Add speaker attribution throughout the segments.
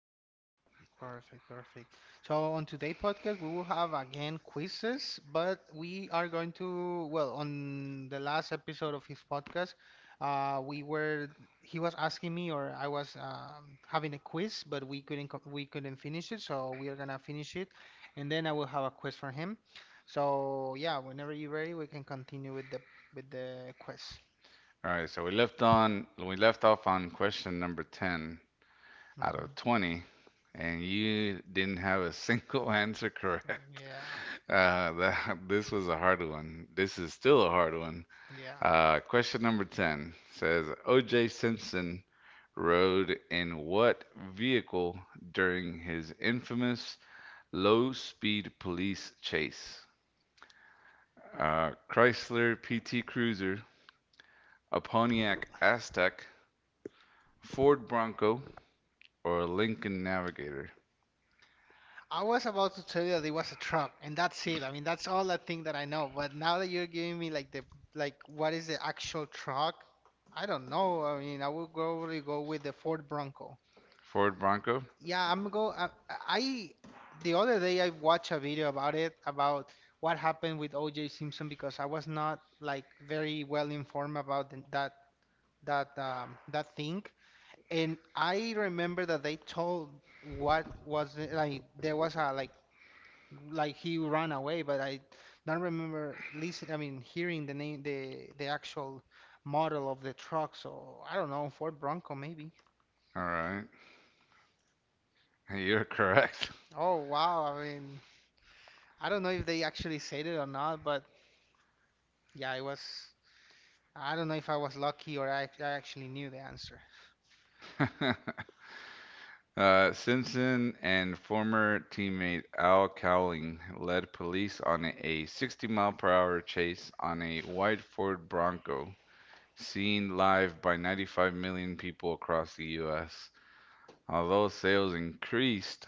Speaker 1: having me.
Speaker 2: Perfect, perfect. So on today's podcast, we will have again quizzes, but we are going to, well, on the last episode of his podcast, we were he was asking me, or I was having a quiz, but we couldn't finish it, so we are gonna finish it, and then I will have a quiz for him. So yeah, whenever you're ready, we can continue with the quiz.
Speaker 1: All right, so we left off on question number 10 out of
Speaker 2: Mhm.
Speaker 1: 20, and you didn't have a single answer correct.
Speaker 2: Yeah,
Speaker 1: This was a hard one. This is still a hard one.
Speaker 2: yeah.
Speaker 1: Question number 10 says O.J. Simpson rode in what vehicle during his infamous low-speed police chase? Chrysler PT Cruiser, a Pontiac Aztec, Ford Bronco, or Lincoln Navigator?
Speaker 2: I was about to tell you that it was a truck, and that's it. I mean, that's all I think that I know. But now that you're giving me, like, the like what is the actual truck, I don't know. I mean, I would probably go with the Ford Bronco.
Speaker 1: Ford Bronco?
Speaker 2: Yeah, I'm go. I the other day I watched a video about what happened with O.J. Simpson, because I was not, like, very well informed about the, that that that thing. And I remember that they told, what was it, like there was a, like he ran away, but I don't remember listen I mean hearing the name, the actual model of the truck. So I don't know, Ford Bronco maybe.
Speaker 1: All right. You're correct.
Speaker 2: Oh wow, I mean I don't know if they actually said it or not, but yeah, it was I don't know if I was lucky or I actually knew the answer.
Speaker 1: Simpson and former teammate Al Cowling led police on a 60 mile per hour chase on a white Ford Bronco, seen live by 95 million people across the U.S. Although sales increased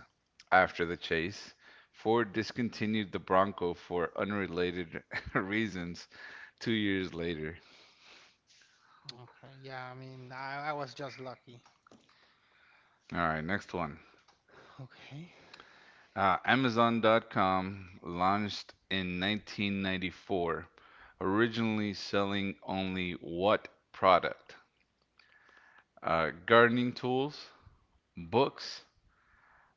Speaker 1: after the chase, Ford discontinued the Bronco for unrelated reasons 2 years later.
Speaker 2: Okay, yeah, I mean I was just lucky.
Speaker 1: All right, next one.
Speaker 2: Okay.
Speaker 1: Amazon.com launched in 1994, originally selling only what product? Gardening tools, books,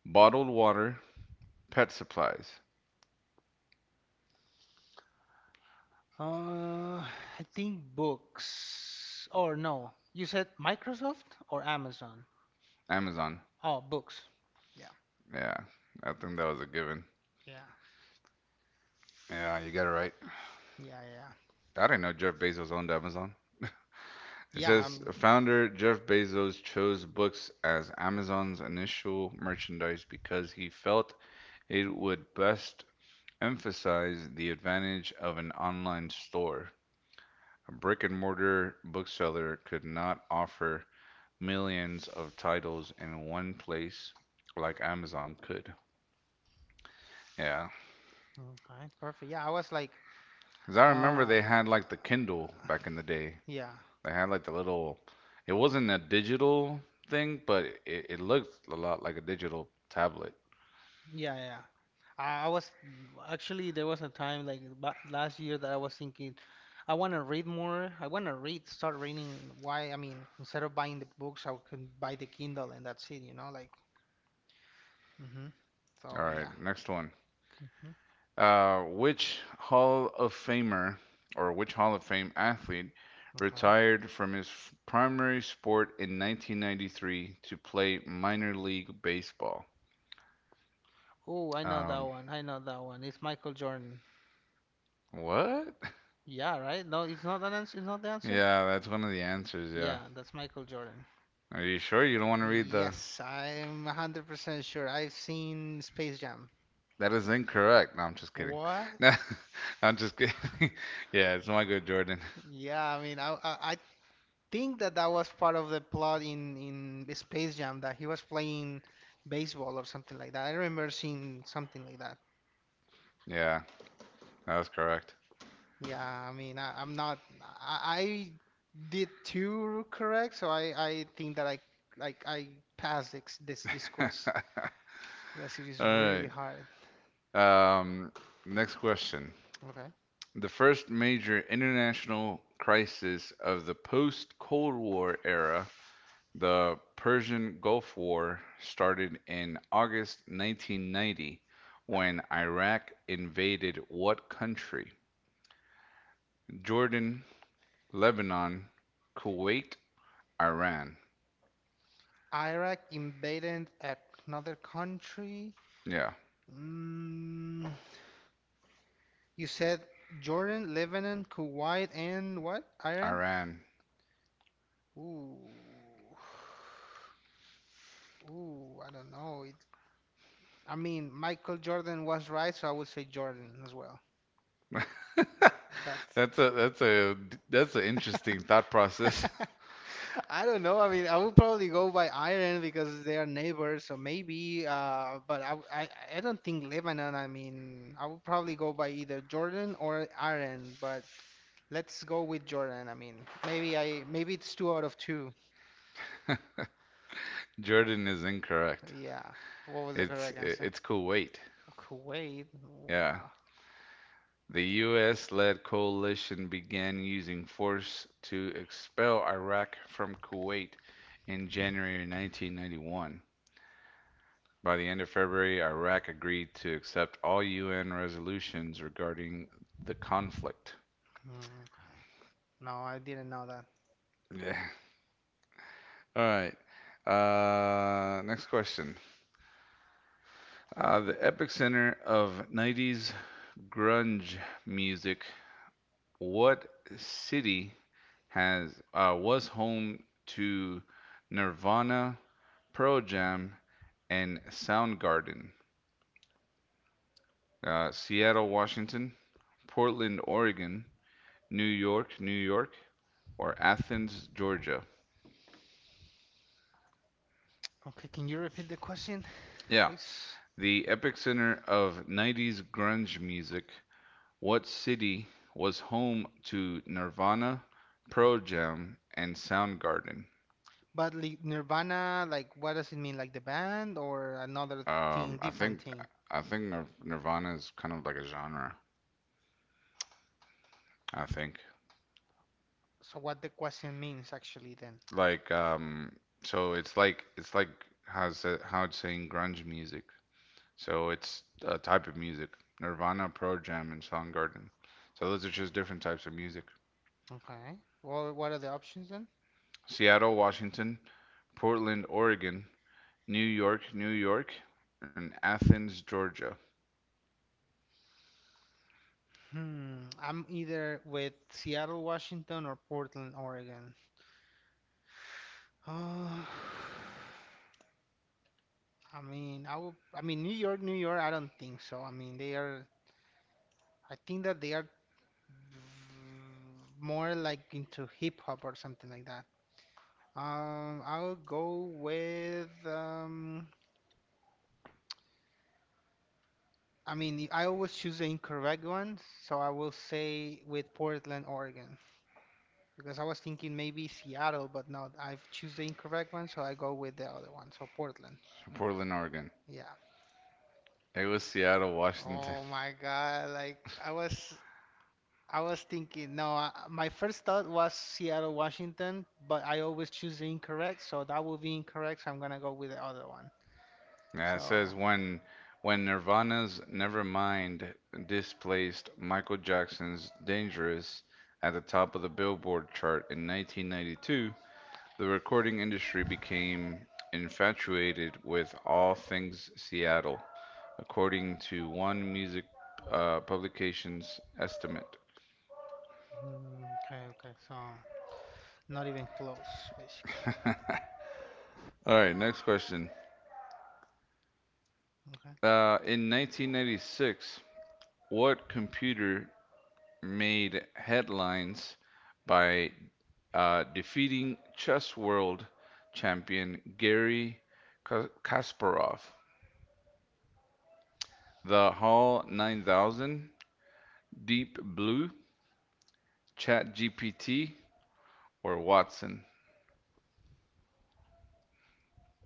Speaker 1: bottled water, pet supplies.
Speaker 2: Uh, I think books. Or no, you said Microsoft or Amazon?
Speaker 1: Amazon.
Speaker 2: Oh, books. Yeah,
Speaker 1: Yeah, I think that was a given.
Speaker 2: yeah,
Speaker 1: Yeah, you got it right.
Speaker 2: yeah, yeah,
Speaker 1: I didn't know Jeff Bezos owned Amazon. It
Speaker 2: yeah.
Speaker 1: says
Speaker 2: I'm
Speaker 1: founder Jeff Bezos chose books as Amazon's initial merchandise because he felt it would best emphasized the advantage of an online store. A brick and mortar bookseller could not offer millions of titles in one place like Amazon could. Yeah.
Speaker 2: Okay, perfect. Yeah, I was like,
Speaker 1: Because I remember
Speaker 2: uh,
Speaker 1: they had like the Kindle back in the day.
Speaker 2: yeah,
Speaker 1: They had like the little, it wasn't a digital thing, but it looked a lot like a digital tablet.
Speaker 2: yeah, yeah. I was actually, there was a time like ba last year that I was thinking, I want to read more. I want to read, start reading. Why? I mean, instead of buying the books, I can buy the Kindle and that's it. You know, like. Hmm.
Speaker 1: All
Speaker 2: So
Speaker 1: right,
Speaker 2: yeah.
Speaker 1: next one. Uh, which Hall of Famer which Hall of Fame athlete
Speaker 2: Okay.
Speaker 1: retired from his primary sport in 1993 to play minor league baseball?
Speaker 2: Oh, I know that
Speaker 1: Um,
Speaker 2: one. I know that one. It's Michael Jordan.
Speaker 1: what?
Speaker 2: Yeah, right? No, it's not an answer. It's not the answer.
Speaker 1: Yeah, that's one of the answers. Yeah.
Speaker 2: Yeah, that's Michael Jordan.
Speaker 1: Are you sure you don't want to read the?
Speaker 2: Yes, I'm 100% sure. I've seen Space Jam.
Speaker 1: That is incorrect. No, I'm just kidding.
Speaker 2: What?
Speaker 1: No, I'm just kidding. Yeah, it's my good Jordan.
Speaker 2: Yeah, I mean, I think that that was part of the plot in Space Jam, that he was playing baseball or something like that. I remember seeing something like that.
Speaker 1: Yeah, that was correct.
Speaker 2: Yeah, I mean, I'm not. I did two correct, so I think that I, like, I passed this quiz.
Speaker 1: All
Speaker 2: Unless it is really
Speaker 1: right.
Speaker 2: hard.
Speaker 1: Um, Next question.
Speaker 2: Okay.
Speaker 1: The first major international crisis of the post Cold War era, the Persian Gulf War, started in August 1990 when Iraq invaded what country? Jordan, Lebanon, Kuwait, Iran.
Speaker 2: Iraq invaded another country.
Speaker 1: Yeah,
Speaker 2: Mm, you said Jordan, Lebanon, Kuwait, and what? Iran?
Speaker 1: Iran.
Speaker 2: Ooh. Ooh, I don't know. I mean, Michael Jordan was right, so I would say Jordan as well. That's.
Speaker 1: That's a that's a that's an interesting thought process.
Speaker 2: I don't know. I mean, I would probably go by Iran because they are neighbors, so maybe. But I don't think Lebanon. I mean, I would probably go by either Jordan or Iran. But let's go with Jordan. I mean, maybe it's two out of two.
Speaker 1: Jordan is incorrect.
Speaker 2: Yeah. What was the
Speaker 1: It's
Speaker 2: correct answer?
Speaker 1: it's Kuwait.
Speaker 2: Kuwait.
Speaker 1: Yeah.
Speaker 2: Wow.
Speaker 1: The US-led coalition began using force to expel Iraq from Kuwait in January 1991. By the end of February, Iraq agreed to accept all UN resolutions regarding the conflict.
Speaker 2: Mm, okay. No, I didn't know that.
Speaker 1: Yeah. All right. Next question. The epicenter of 90s grunge music. What city has was home to Nirvana, Pearl Jam, and Soundgarden? Seattle, Washington, Portland, Oregon, New York, New York, or Athens, Georgia?
Speaker 2: Okay, can you repeat the question,
Speaker 1: Yeah,
Speaker 2: please?
Speaker 1: the epicenter of 90s grunge music. What city was home to Nirvana, Pearl Jam, and Soundgarden?
Speaker 2: But like Nirvana, like what does it mean? Like the band or another
Speaker 1: Um,
Speaker 2: thing,
Speaker 1: I think
Speaker 2: different thing?
Speaker 1: I think Nir- Nirvana is kind of like a genre. I think
Speaker 2: So what the question means actually then?
Speaker 1: like um, so it's like how it's saying grunge music. So it's a type of music. Nirvana, Pearl Jam, and Soundgarden. So those are just different types of music.
Speaker 2: Okay. Well, what are the options then?
Speaker 1: Seattle, Washington, Portland, Oregon, New York, New York, and Athens, Georgia.
Speaker 2: Hmm. I'm either with Seattle, Washington or Portland, Oregon. Oh, I mean, I mean, New York, New York, I don't think so. I mean, I think that they are more, like, into hip hop or something like that. I'll go with I mean, I always choose the incorrect one, so I will say with Portland, Oregon, because I was thinking maybe Seattle, but no, I've choose the incorrect one, so I go with the other one, so Portland.
Speaker 1: Portland, Oregon.
Speaker 2: Yeah.
Speaker 1: It was Seattle, Washington.
Speaker 2: Oh my God, like I was I was thinking, no, my first thought was Seattle, Washington, but I always choose the incorrect, so that will be incorrect, so I'm gonna go with the other one.
Speaker 1: Yeah, it says
Speaker 2: So,
Speaker 1: when Nirvana's Nevermind displaced Michael Jackson's Dangerous at the top of the Billboard chart in 1992, the recording industry became infatuated with all things Seattle, according to one music publication's estimate.
Speaker 2: mm, okay, okay, so not even close, basically.
Speaker 1: All right, next question.
Speaker 2: Okay.
Speaker 1: In 1996, what computer made headlines by defeating chess world champion Gary Kasparov? The HAL 9000, Deep Blue, ChatGPT, or Watson?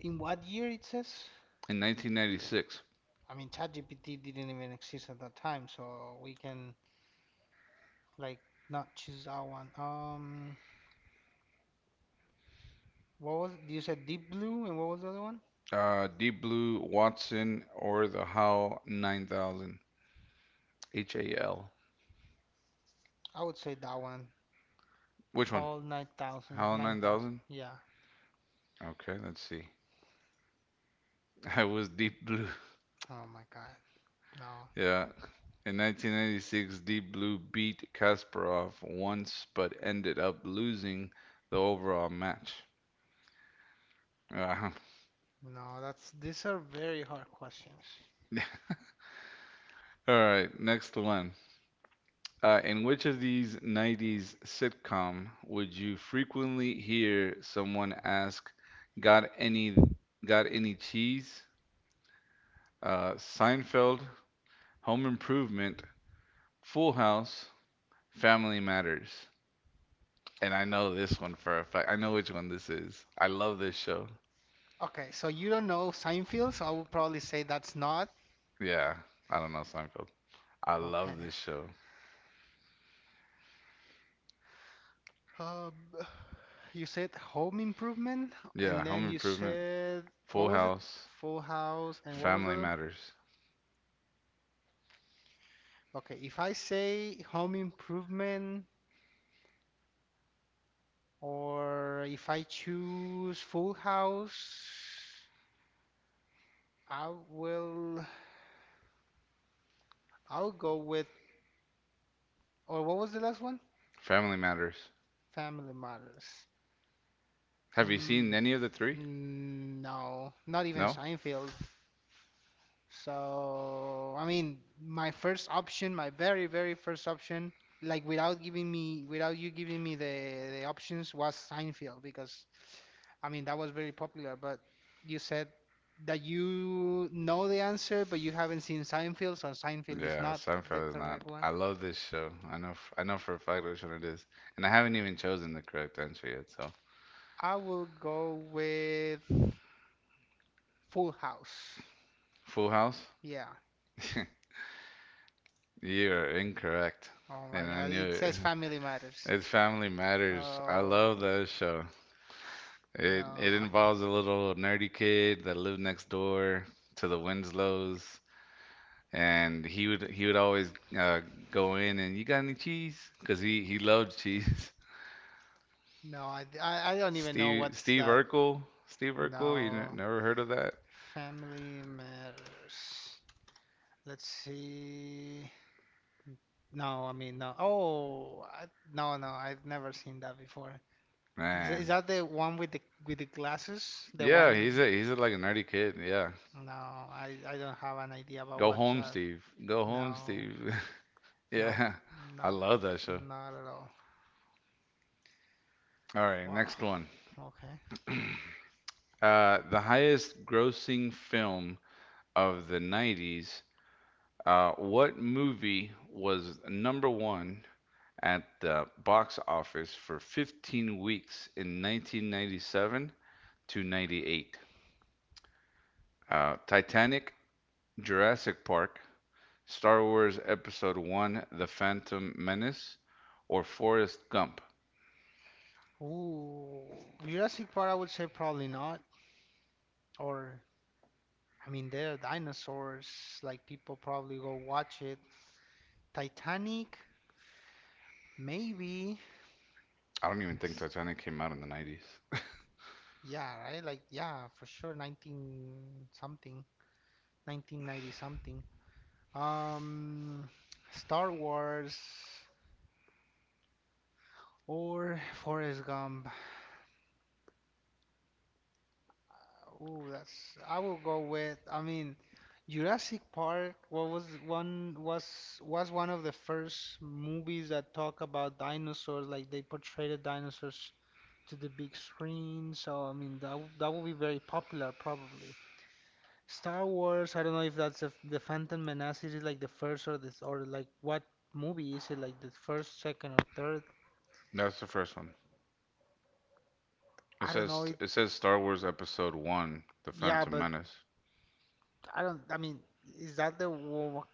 Speaker 2: In what year it says?
Speaker 1: In 1996,
Speaker 2: I mean, ChatGPT didn't even exist at that time, so we can, like, not choose that one. What was, you said Deep Blue and what was the other one?
Speaker 1: Deep Blue, Watson, or the HAL 9000, HAL.
Speaker 2: I would say that one.
Speaker 1: Which one?
Speaker 2: Hall 9000,
Speaker 1: HAL
Speaker 2: 9000.
Speaker 1: 9000?
Speaker 2: Yeah.
Speaker 1: Okay, let's see. I was Deep Blue.
Speaker 2: Oh my God. No,
Speaker 1: Yeah, in 1996, Deep Blue beat Kasparov once but ended up losing the overall match. Uh,
Speaker 2: no, that's these are very hard questions.
Speaker 1: all right, next one. In which of these 90s sitcom would you frequently hear someone ask, "Got any got any cheese?" Seinfeld, Home Improvement, Full House, Family Matters. And I know this one for a fact. I know which one this is. I love this show.
Speaker 2: Okay, so you don't know Seinfeld, so I would probably say that's not.
Speaker 1: Yeah, I don't know Seinfeld. I
Speaker 2: Okay.
Speaker 1: love this show.
Speaker 2: Um, you said Home Improvement,
Speaker 1: Yeah,
Speaker 2: and
Speaker 1: Home
Speaker 2: then you
Speaker 1: Improvement,
Speaker 2: said
Speaker 1: Full
Speaker 2: what was it?
Speaker 1: House,
Speaker 2: Full House, and what was the
Speaker 1: Family
Speaker 2: other?
Speaker 1: Matters.
Speaker 2: Okay, if I say Home Improvement or if I choose Full House, I will I'll go with, or what was the last one?
Speaker 1: Family Matters.
Speaker 2: Family Matters.
Speaker 1: Have you seen
Speaker 2: Mm,
Speaker 1: any of the three?
Speaker 2: mm, no, not even
Speaker 1: No?
Speaker 2: Seinfeld. So, I mean, my first option, my very, very first option, like without you giving me the options, was Seinfeld, because I mean that was very popular. But you said that you know the answer, but you haven't seen Seinfeld, so Seinfeld is
Speaker 1: Yeah,
Speaker 2: not the
Speaker 1: Seinfeld is not.
Speaker 2: correct one.
Speaker 1: I love this show. I know for a fact which one it is. And I haven't even chosen the correct answer yet, so.
Speaker 2: I will go with Full House.
Speaker 1: Full House?
Speaker 2: Yeah.
Speaker 1: You're incorrect.
Speaker 2: Oh
Speaker 1: And
Speaker 2: my
Speaker 1: I
Speaker 2: God,
Speaker 1: knew
Speaker 2: it
Speaker 1: it.
Speaker 2: says Family Matters.
Speaker 1: It's Family Matters. I love
Speaker 2: Oh
Speaker 1: that show. It
Speaker 2: no.
Speaker 1: involves a little nerdy kid that lived next door to the Winslows, and he would always uh, go in and you got any cheese? Cause he loved cheese.
Speaker 2: No, I don't even know
Speaker 1: Steve
Speaker 2: what's
Speaker 1: Steve
Speaker 2: that.
Speaker 1: Urkel, Steve Urkel, you n
Speaker 2: No,
Speaker 1: never heard of that?
Speaker 2: family matters. Let's see. No, I mean no. Oh, no, no, I've never seen that before. Is
Speaker 1: Man,
Speaker 2: that the one with the glasses? The
Speaker 1: yeah, he's
Speaker 2: one?
Speaker 1: a he's a, like a nerdy kid. Yeah,
Speaker 2: No, I don't have an idea about
Speaker 1: go
Speaker 2: what's
Speaker 1: home,
Speaker 2: that.
Speaker 1: Steve. Go home,
Speaker 2: No,
Speaker 1: Steve.
Speaker 2: no,
Speaker 1: Yeah, I
Speaker 2: no,
Speaker 1: love that show.
Speaker 2: not at all.
Speaker 1: All right,
Speaker 2: Wow.
Speaker 1: next one.
Speaker 2: Okay.
Speaker 1: The highest grossing film of the 90s. What movie was number one at the box office for 15 weeks in 1997 to 98? Titanic, Jurassic Park, Star Wars Episode 1, The Phantom Menace, or Forrest Gump?
Speaker 2: Ooh, Jurassic Park, I would say probably not, or I mean, they are dinosaurs. Like people probably go watch it. Titanic, maybe.
Speaker 1: I don't even think
Speaker 2: S-
Speaker 1: Titanic came out in the 90s.
Speaker 2: Yeah, right? Like yeah, for sure. 19 something, 1990-something. Um, Star Wars or Forrest Gump. Oh, that's. I will go with. I mean, Jurassic Park. What was one of the first movies that talk about dinosaurs. Like they portrayed the dinosaurs to the big screen. So I mean that will be very popular probably. Star Wars, I don't know if that's the Phantom Menace. Is it like the first or this or like what movie is it, like the first, second or third?
Speaker 1: That's the first one. It
Speaker 2: I don't know
Speaker 1: says
Speaker 2: it.
Speaker 1: it says Star Wars Episode 1, The
Speaker 2: Yeah,
Speaker 1: Phantom
Speaker 2: but
Speaker 1: Menace.
Speaker 2: I don't. I mean, is that the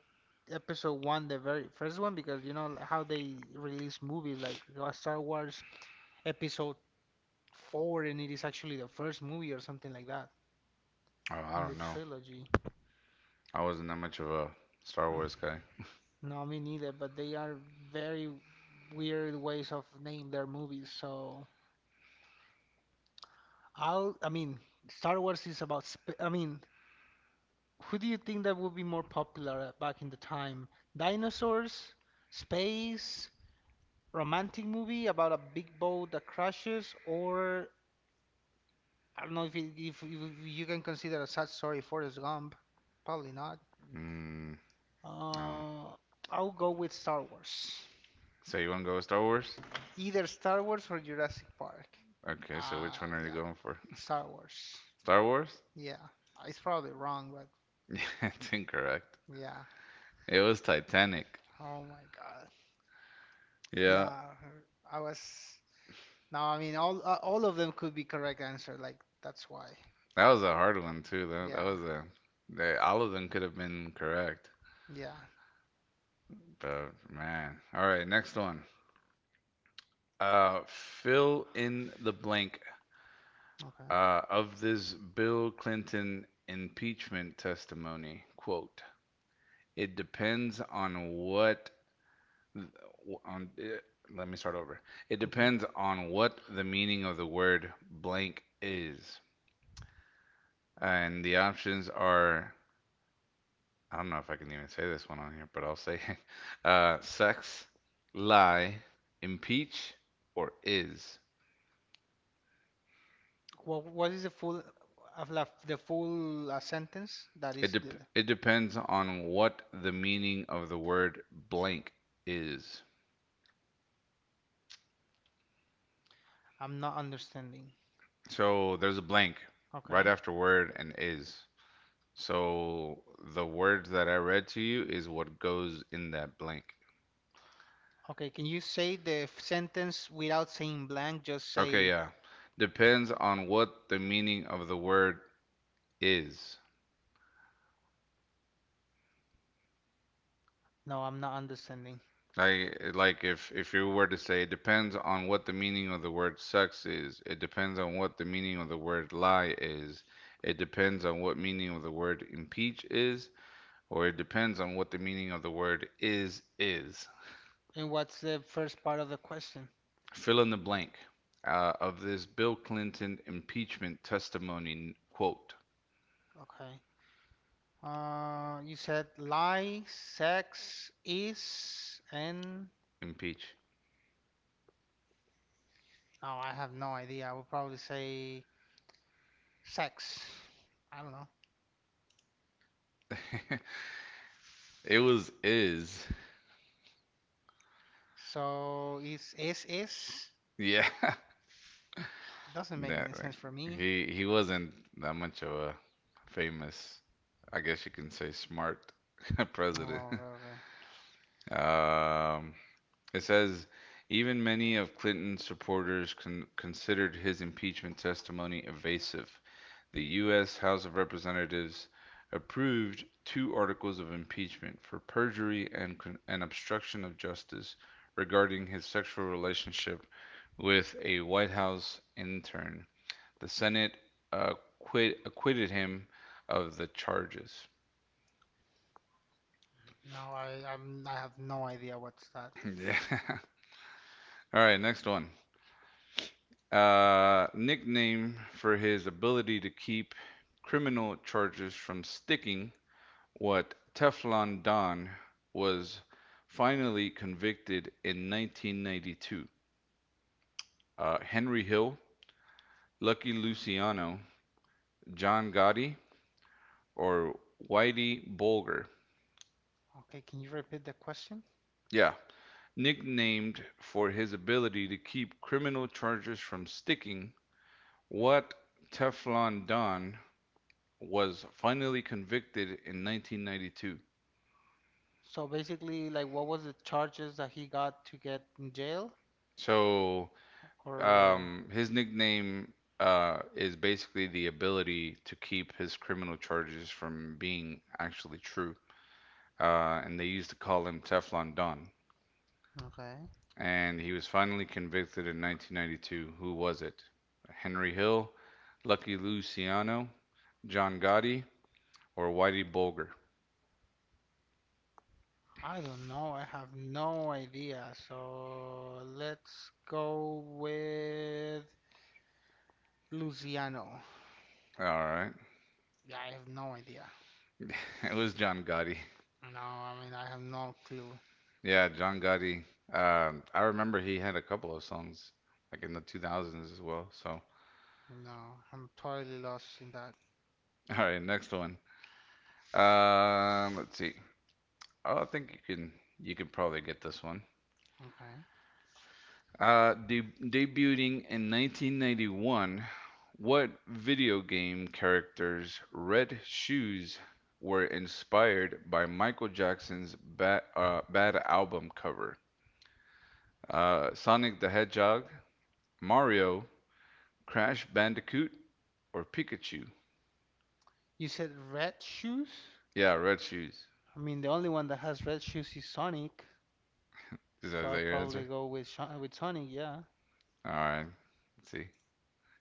Speaker 2: episode one, the very first one? Because you know how they release movies, like there was Star Wars Episode Four, and it is actually the first movie or something like that
Speaker 1: Oh, I
Speaker 2: in the
Speaker 1: don't know.
Speaker 2: trilogy.
Speaker 1: I wasn't that much of a Star Wars guy.
Speaker 2: No, me neither, but they are very weird ways of name their movies. So I mean, Star Wars is about sp I mean, who do you think that would be more popular back in the time? Dinosaurs, space, romantic movie about a big boat that crashes, or I don't know if it, if you can consider a sad story Forrest Gump. Probably not.
Speaker 1: Mm, I don't know.
Speaker 2: Uh, I'll go with Star Wars.
Speaker 1: So you want to go with Star Wars?
Speaker 2: Either Star Wars or Jurassic Park.
Speaker 1: Okay, so which one are you
Speaker 2: Yeah.
Speaker 1: going for?
Speaker 2: Star Wars.
Speaker 1: Star Wars?
Speaker 2: Yeah, it's probably wrong, but
Speaker 1: Yeah, it's incorrect.
Speaker 2: yeah.
Speaker 1: It was Titanic.
Speaker 2: Oh my God.
Speaker 1: Yeah,
Speaker 2: Yeah, I was. No, I mean all of them could be correct answer. Like that's why.
Speaker 1: that was a hard one too. That that
Speaker 2: Yeah,
Speaker 1: was a they, all of them could have been correct,
Speaker 2: yeah.
Speaker 1: but man. All right, next one. Fill in the blank
Speaker 2: Okay.
Speaker 1: of this Bill Clinton impeachment testimony. Quote: It depends on what on it, Let me start over. It
Speaker 2: Okay.
Speaker 1: depends on what the meaning of the word blank is. And the options are, I don't know if I can even say this one on here, but I'll say it. Sex, lie, impeach, or is.
Speaker 2: Well, what is the full sentence? That is the
Speaker 1: It depends on what the meaning of the word blank is.
Speaker 2: I'm not understanding.
Speaker 1: So there's a blank right
Speaker 2: Okay.
Speaker 1: after word and is. So the word that I read to you is what goes in that blank.
Speaker 2: Okay. Can you say the sentence without saying blank? Just
Speaker 1: Okay,
Speaker 2: say
Speaker 1: yeah. Depends on what the meaning of the word is.
Speaker 2: no. I'm not understanding.
Speaker 1: Like if you were to say it depends on what the meaning of the word sex is, it depends on what the meaning of the word lie is, it depends on what meaning of the word impeach is, or it depends on what the meaning of the word is is.
Speaker 2: And what's the first part of the question?
Speaker 1: Fill in the blank of this Bill Clinton impeachment testimony quote.
Speaker 2: Okay. You said lie, sex, is, and
Speaker 1: Impeach.
Speaker 2: oh, I have no idea. I would probably say sex. I don't know.
Speaker 1: It was is.
Speaker 2: So is
Speaker 1: Yeah.
Speaker 2: doesn't make
Speaker 1: That
Speaker 2: any sense for
Speaker 1: like,
Speaker 2: me.
Speaker 1: he wasn't that much of a famous, I guess you can say smart
Speaker 2: Oh,
Speaker 1: president.
Speaker 2: okay, okay.
Speaker 1: Um, it says even many of Clinton's supporters considered his impeachment testimony evasive. The U.S. House of Representatives approved two articles of impeachment for perjury and obstruction of justice regarding his sexual relationship with a White House intern. The Senate acquitted him of the charges.
Speaker 2: No, I have no idea what's that.
Speaker 1: Yeah. All right, next one. Nickname for his ability to keep criminal charges from sticking, what Teflon Don was finally convicted in 1992? Henry Hill, Lucky Luciano, John Gotti, or Whitey Bulger?
Speaker 2: Okay, can you repeat the question?
Speaker 1: Yeah, nicknamed for his ability to keep criminal charges from sticking. What Teflon Don was finally convicted in 1992?
Speaker 2: So basically, like, what was the charges that he got to get in jail?
Speaker 1: So
Speaker 2: Or
Speaker 1: His nickname is basically the ability to keep his criminal charges from being actually true. And they used to call him Teflon Don.
Speaker 2: okay.
Speaker 1: And he was finally convicted in 1992. Who was it? Henry Hill, Lucky Luciano, John Gotti, or Whitey Bulger?
Speaker 2: I don't know. I have no idea. So let's go with Luciano.
Speaker 1: All right.
Speaker 2: Yeah, I have no idea.
Speaker 1: It was John Gotti.
Speaker 2: No, I mean, I have no clue.
Speaker 1: Yeah, John Gotti. I remember he had a couple of songs like in the 2000s as well. So, all
Speaker 2: No, I'm totally lost in that.
Speaker 1: right, next one. Let's see. Oh, I think you could probably get this one.
Speaker 2: Okay.
Speaker 1: De Debuting in 1991, what video game characters' red shoes were inspired by Michael Jackson's Bad album cover? Sonic the Hedgehog, Mario, Crash Bandicoot, or Pikachu?
Speaker 2: You said red shoes?
Speaker 1: Yeah, red shoes.
Speaker 2: I mean, the only one that has red shoes is Sonic. So
Speaker 1: Is
Speaker 2: I'll
Speaker 1: that your
Speaker 2: probably
Speaker 1: answer?
Speaker 2: go with Shon with Sonic, yeah.
Speaker 1: All right. Let's see.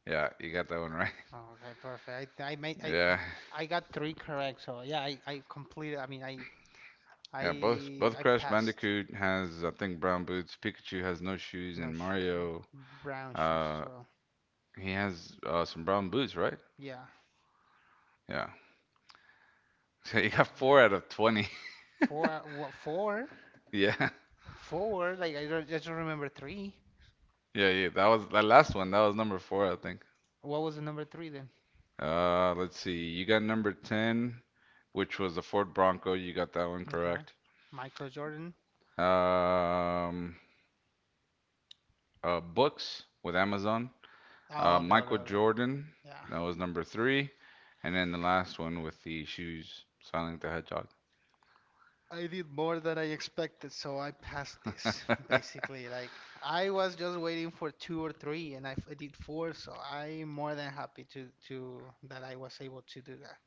Speaker 1: Yeah, you got that one right.
Speaker 2: Okay, perfect. I made
Speaker 1: Yeah.
Speaker 2: I got three correct. So yeah, I completed. I mean, I
Speaker 1: Yeah, both
Speaker 2: I
Speaker 1: both
Speaker 2: I
Speaker 1: Crash
Speaker 2: passed.
Speaker 1: Bandicoot has I think brown boots. Pikachu has no shoes,
Speaker 2: No
Speaker 1: and
Speaker 2: shoes,
Speaker 1: Mario,
Speaker 2: brown shoes as
Speaker 1: uh,
Speaker 2: well.
Speaker 1: he has some brown boots, right?
Speaker 2: Yeah,
Speaker 1: Yeah. So you got
Speaker 2: yeah.
Speaker 1: four out of 20.
Speaker 2: Four, what, four,
Speaker 1: Yeah,
Speaker 2: four. Like I don't, I just remember three.
Speaker 1: yeah, yeah. That was that last one. That was number four, I think.
Speaker 2: What was the number three then?
Speaker 1: Let's see. You got number ten, which was the Ford Bronco. You got that one
Speaker 2: Okay,
Speaker 1: correct.
Speaker 2: Michael Jordan.
Speaker 1: Um, Books with Amazon.
Speaker 2: Oh, okay, okay,
Speaker 1: Michael
Speaker 2: okay.
Speaker 1: Jordan.
Speaker 2: Yeah,
Speaker 1: That was number three, and then the last one with the shoes, Silent the Hedgehog.
Speaker 2: I did more than I expected, so I passed this.
Speaker 1: That
Speaker 2: Basically, like I was just waiting for two or three, and I did four, so I'm more than happy to that I was able to do that.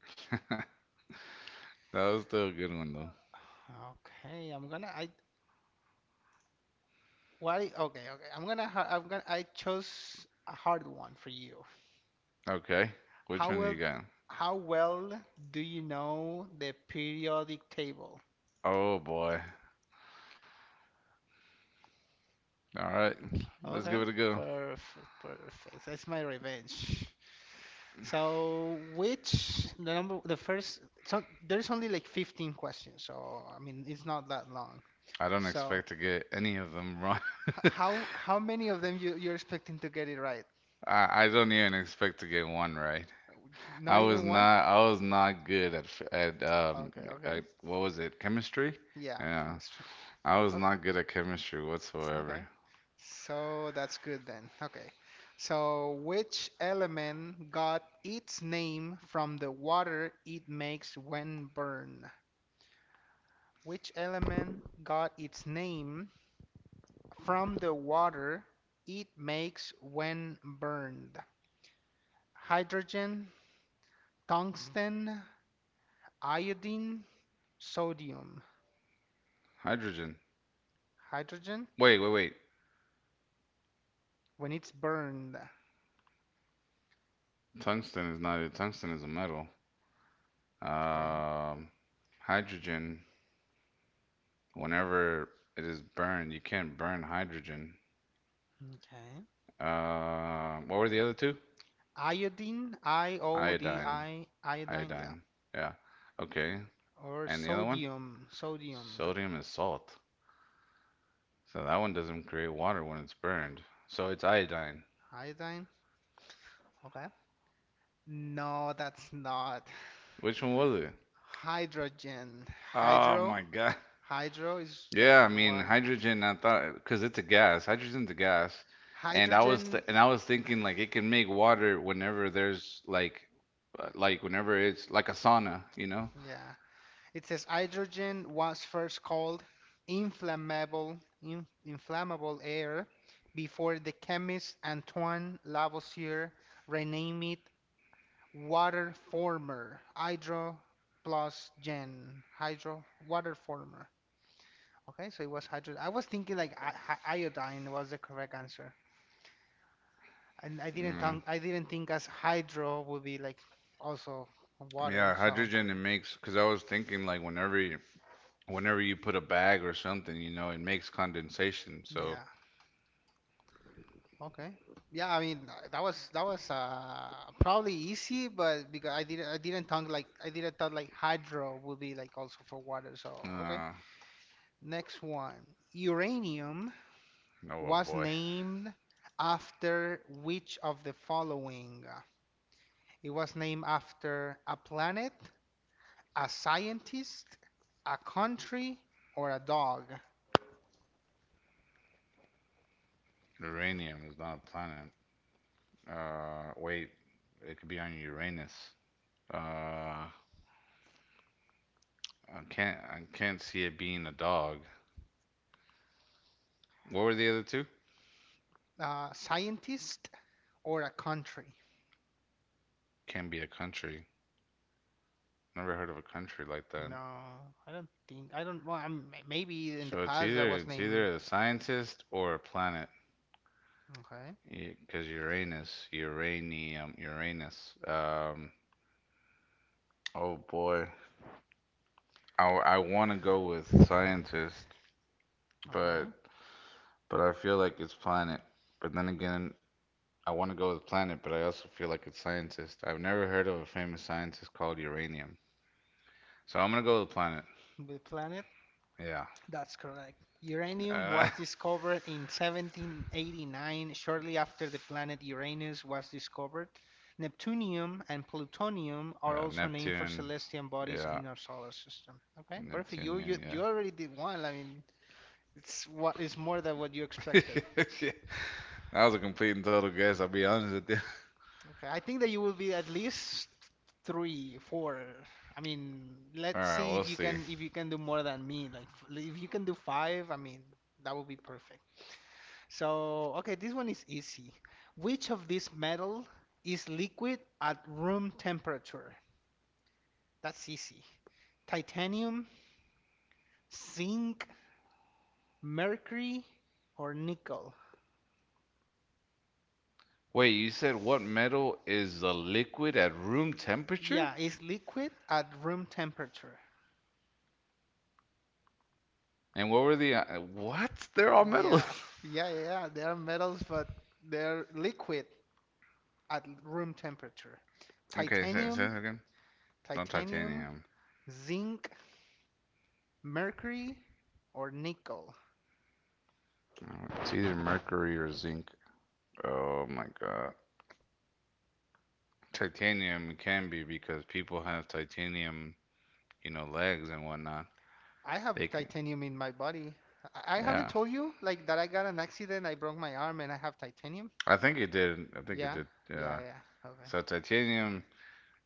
Speaker 1: was still a good one though.
Speaker 2: Okay, I'm gonna. I What? Okay, okay. I'm gonna. I chose a hard one for you.
Speaker 1: Okay, which
Speaker 2: How
Speaker 1: one you
Speaker 2: well?
Speaker 1: got?
Speaker 2: How well do you know the periodic table?
Speaker 1: Oh boy. All right, let's
Speaker 2: Okay,
Speaker 1: give it a go.
Speaker 2: perfect, perfect. That's my revenge. So, which the number? The first. So there's only like 15 questions. So I mean, it's not that long.
Speaker 1: I don't
Speaker 2: So
Speaker 1: expect to get any of them wrong.
Speaker 2: h- how how many of them you're expecting to get it right?
Speaker 1: I don't even expect to get one right.
Speaker 2: Not even one?
Speaker 1: I was not good at at
Speaker 2: Okay, okay.
Speaker 1: at, what was it, chemistry?
Speaker 2: Yeah,
Speaker 1: Yeah,
Speaker 2: chemistry.
Speaker 1: I was
Speaker 2: Okay.
Speaker 1: not good at chemistry whatsoever.
Speaker 2: Okay. So that's good then. Okay. So which element got its name from the water it makes when burned? Which element got its name from the water it makes when burned? Hydrogen, tungsten, iodine, sodium.
Speaker 1: Hydrogen.
Speaker 2: Hydrogen
Speaker 1: Wait!
Speaker 2: when it's burned.
Speaker 1: Tungsten is not a Tungsten is a metal.
Speaker 2: Okay.
Speaker 1: Um, hydrogen. Whenever it is burned, you can't burn hydrogen.
Speaker 2: Okay.
Speaker 1: What were the other two?
Speaker 2: Iodine, I O D
Speaker 1: Iodine.
Speaker 2: I, iodine, yeah.
Speaker 1: Iodine. Yeah. Okay.
Speaker 2: Or
Speaker 1: And the other one?
Speaker 2: sodium, sodium
Speaker 1: Sodium is salt. So that one doesn't create water when it's burned. So it's iodine.
Speaker 2: iodine. Okay. No, that's not.
Speaker 1: Which one was it?
Speaker 2: Hydrogen.
Speaker 1: Oh
Speaker 2: Hydro.
Speaker 1: my God.
Speaker 2: Hydro is like
Speaker 1: Yeah, I
Speaker 2: for
Speaker 1: mean
Speaker 2: water.
Speaker 1: hydrogen. I thought because it's a gas. Hydrogen's a gas, and
Speaker 2: Hydrogen,
Speaker 1: I was thinking like it can make water whenever there's like whenever it's like a sauna, you know.
Speaker 2: yeah. It says hydrogen was first called inflammable air before the chemist Antoine Lavoisier renamed it water former. Hydro plus gen. Hydro water former. Okay, so it was hydrogen. I was thinking like iodine was the correct answer, and
Speaker 1: Yeah.
Speaker 2: I didn't think as hydro would be like also water.
Speaker 1: Yeah,
Speaker 2: So
Speaker 1: hydrogen it makes because I was thinking like whenever you put a bag or something, you know, it makes condensation. So,
Speaker 2: yeah, okay, yeah. I mean that was that was probably easy, but because I didn't think like I didn't thought like hydro would be like also for water. So okay,
Speaker 1: uh,
Speaker 2: next one. Uranium
Speaker 1: no, oh
Speaker 2: was
Speaker 1: boy,
Speaker 2: named after which of the following? It was named after a planet, a scientist, a country, or a dog?
Speaker 1: uranium is not a planet. Wait, it could be on Uranus. Uh, I can't see it being a dog. What were the other two?
Speaker 2: Scientist or a country?
Speaker 1: Can be a country. Never heard of a country like that.
Speaker 2: No, I don't think. I don't. Well, I'm, maybe in the
Speaker 1: So
Speaker 2: past that was
Speaker 1: it's
Speaker 2: named.
Speaker 1: either a scientist or a planet
Speaker 2: Okay,
Speaker 1: because Uranus, uranium, Uranus. Oh boy. I want to go with scientist, but
Speaker 2: okay.
Speaker 1: but I feel like it's planet. But then again, I want to go with planet, but I also feel like it's scientist. I've never heard of a famous scientist called uranium. So I'm gonna go with planet.
Speaker 2: The planet.
Speaker 1: Yeah.
Speaker 2: That's correct. Uranium
Speaker 1: Uh,
Speaker 2: was discovered in 1789, shortly after the planet Uranus was discovered. Neptunium and plutonium are
Speaker 1: yeah,
Speaker 2: also named for
Speaker 1: Neptune.
Speaker 2: celestial bodies
Speaker 1: Yeah.
Speaker 2: in our solar system. Okay, perfect.
Speaker 1: Neptunian,
Speaker 2: You already did one. I mean, it's what is more than what you
Speaker 1: yeah.
Speaker 2: expected.
Speaker 1: Shit. That was a complete and total guess, I'll be honest with you.
Speaker 2: Okay, I think that you will be at least three, four. I mean,
Speaker 1: All
Speaker 2: let's
Speaker 1: right,
Speaker 2: see
Speaker 1: we'll see.
Speaker 2: if you can do more than me. If you can do five, I mean, that would be perfect. So, okay, this one is easy. Which of these metal is liquid at room temperature? That's easy. Titanium, zinc, mercury, or nickel?
Speaker 1: Wait, you said what metal is a liquid at
Speaker 2: I-
Speaker 1: room temperature?
Speaker 2: Yeah, it's liquid at room temperature.
Speaker 1: And what were the what? They're all metal.
Speaker 2: Yeah, yeah. They are metals, but they're liquid at room temperature.
Speaker 1: Okay, say
Speaker 2: Titanium,
Speaker 1: that again. No
Speaker 2: Titanium,
Speaker 1: titanium.
Speaker 2: zinc, mercury, or nickel.
Speaker 1: No, it's either mercury or zinc. Oh my god. Titanium can be because people have titanium, you know, legs and whatnot.
Speaker 2: I
Speaker 1: They
Speaker 2: have
Speaker 1: can.
Speaker 2: titanium in my body. I haven't
Speaker 1: Yeah.
Speaker 2: told you like that I got an accident, I broke my arm and I have titanium.
Speaker 1: I think it did. I think it
Speaker 2: Yeah,
Speaker 1: did.
Speaker 2: yeah,
Speaker 1: Yeah.
Speaker 2: yeah. Okay.
Speaker 1: So titanium,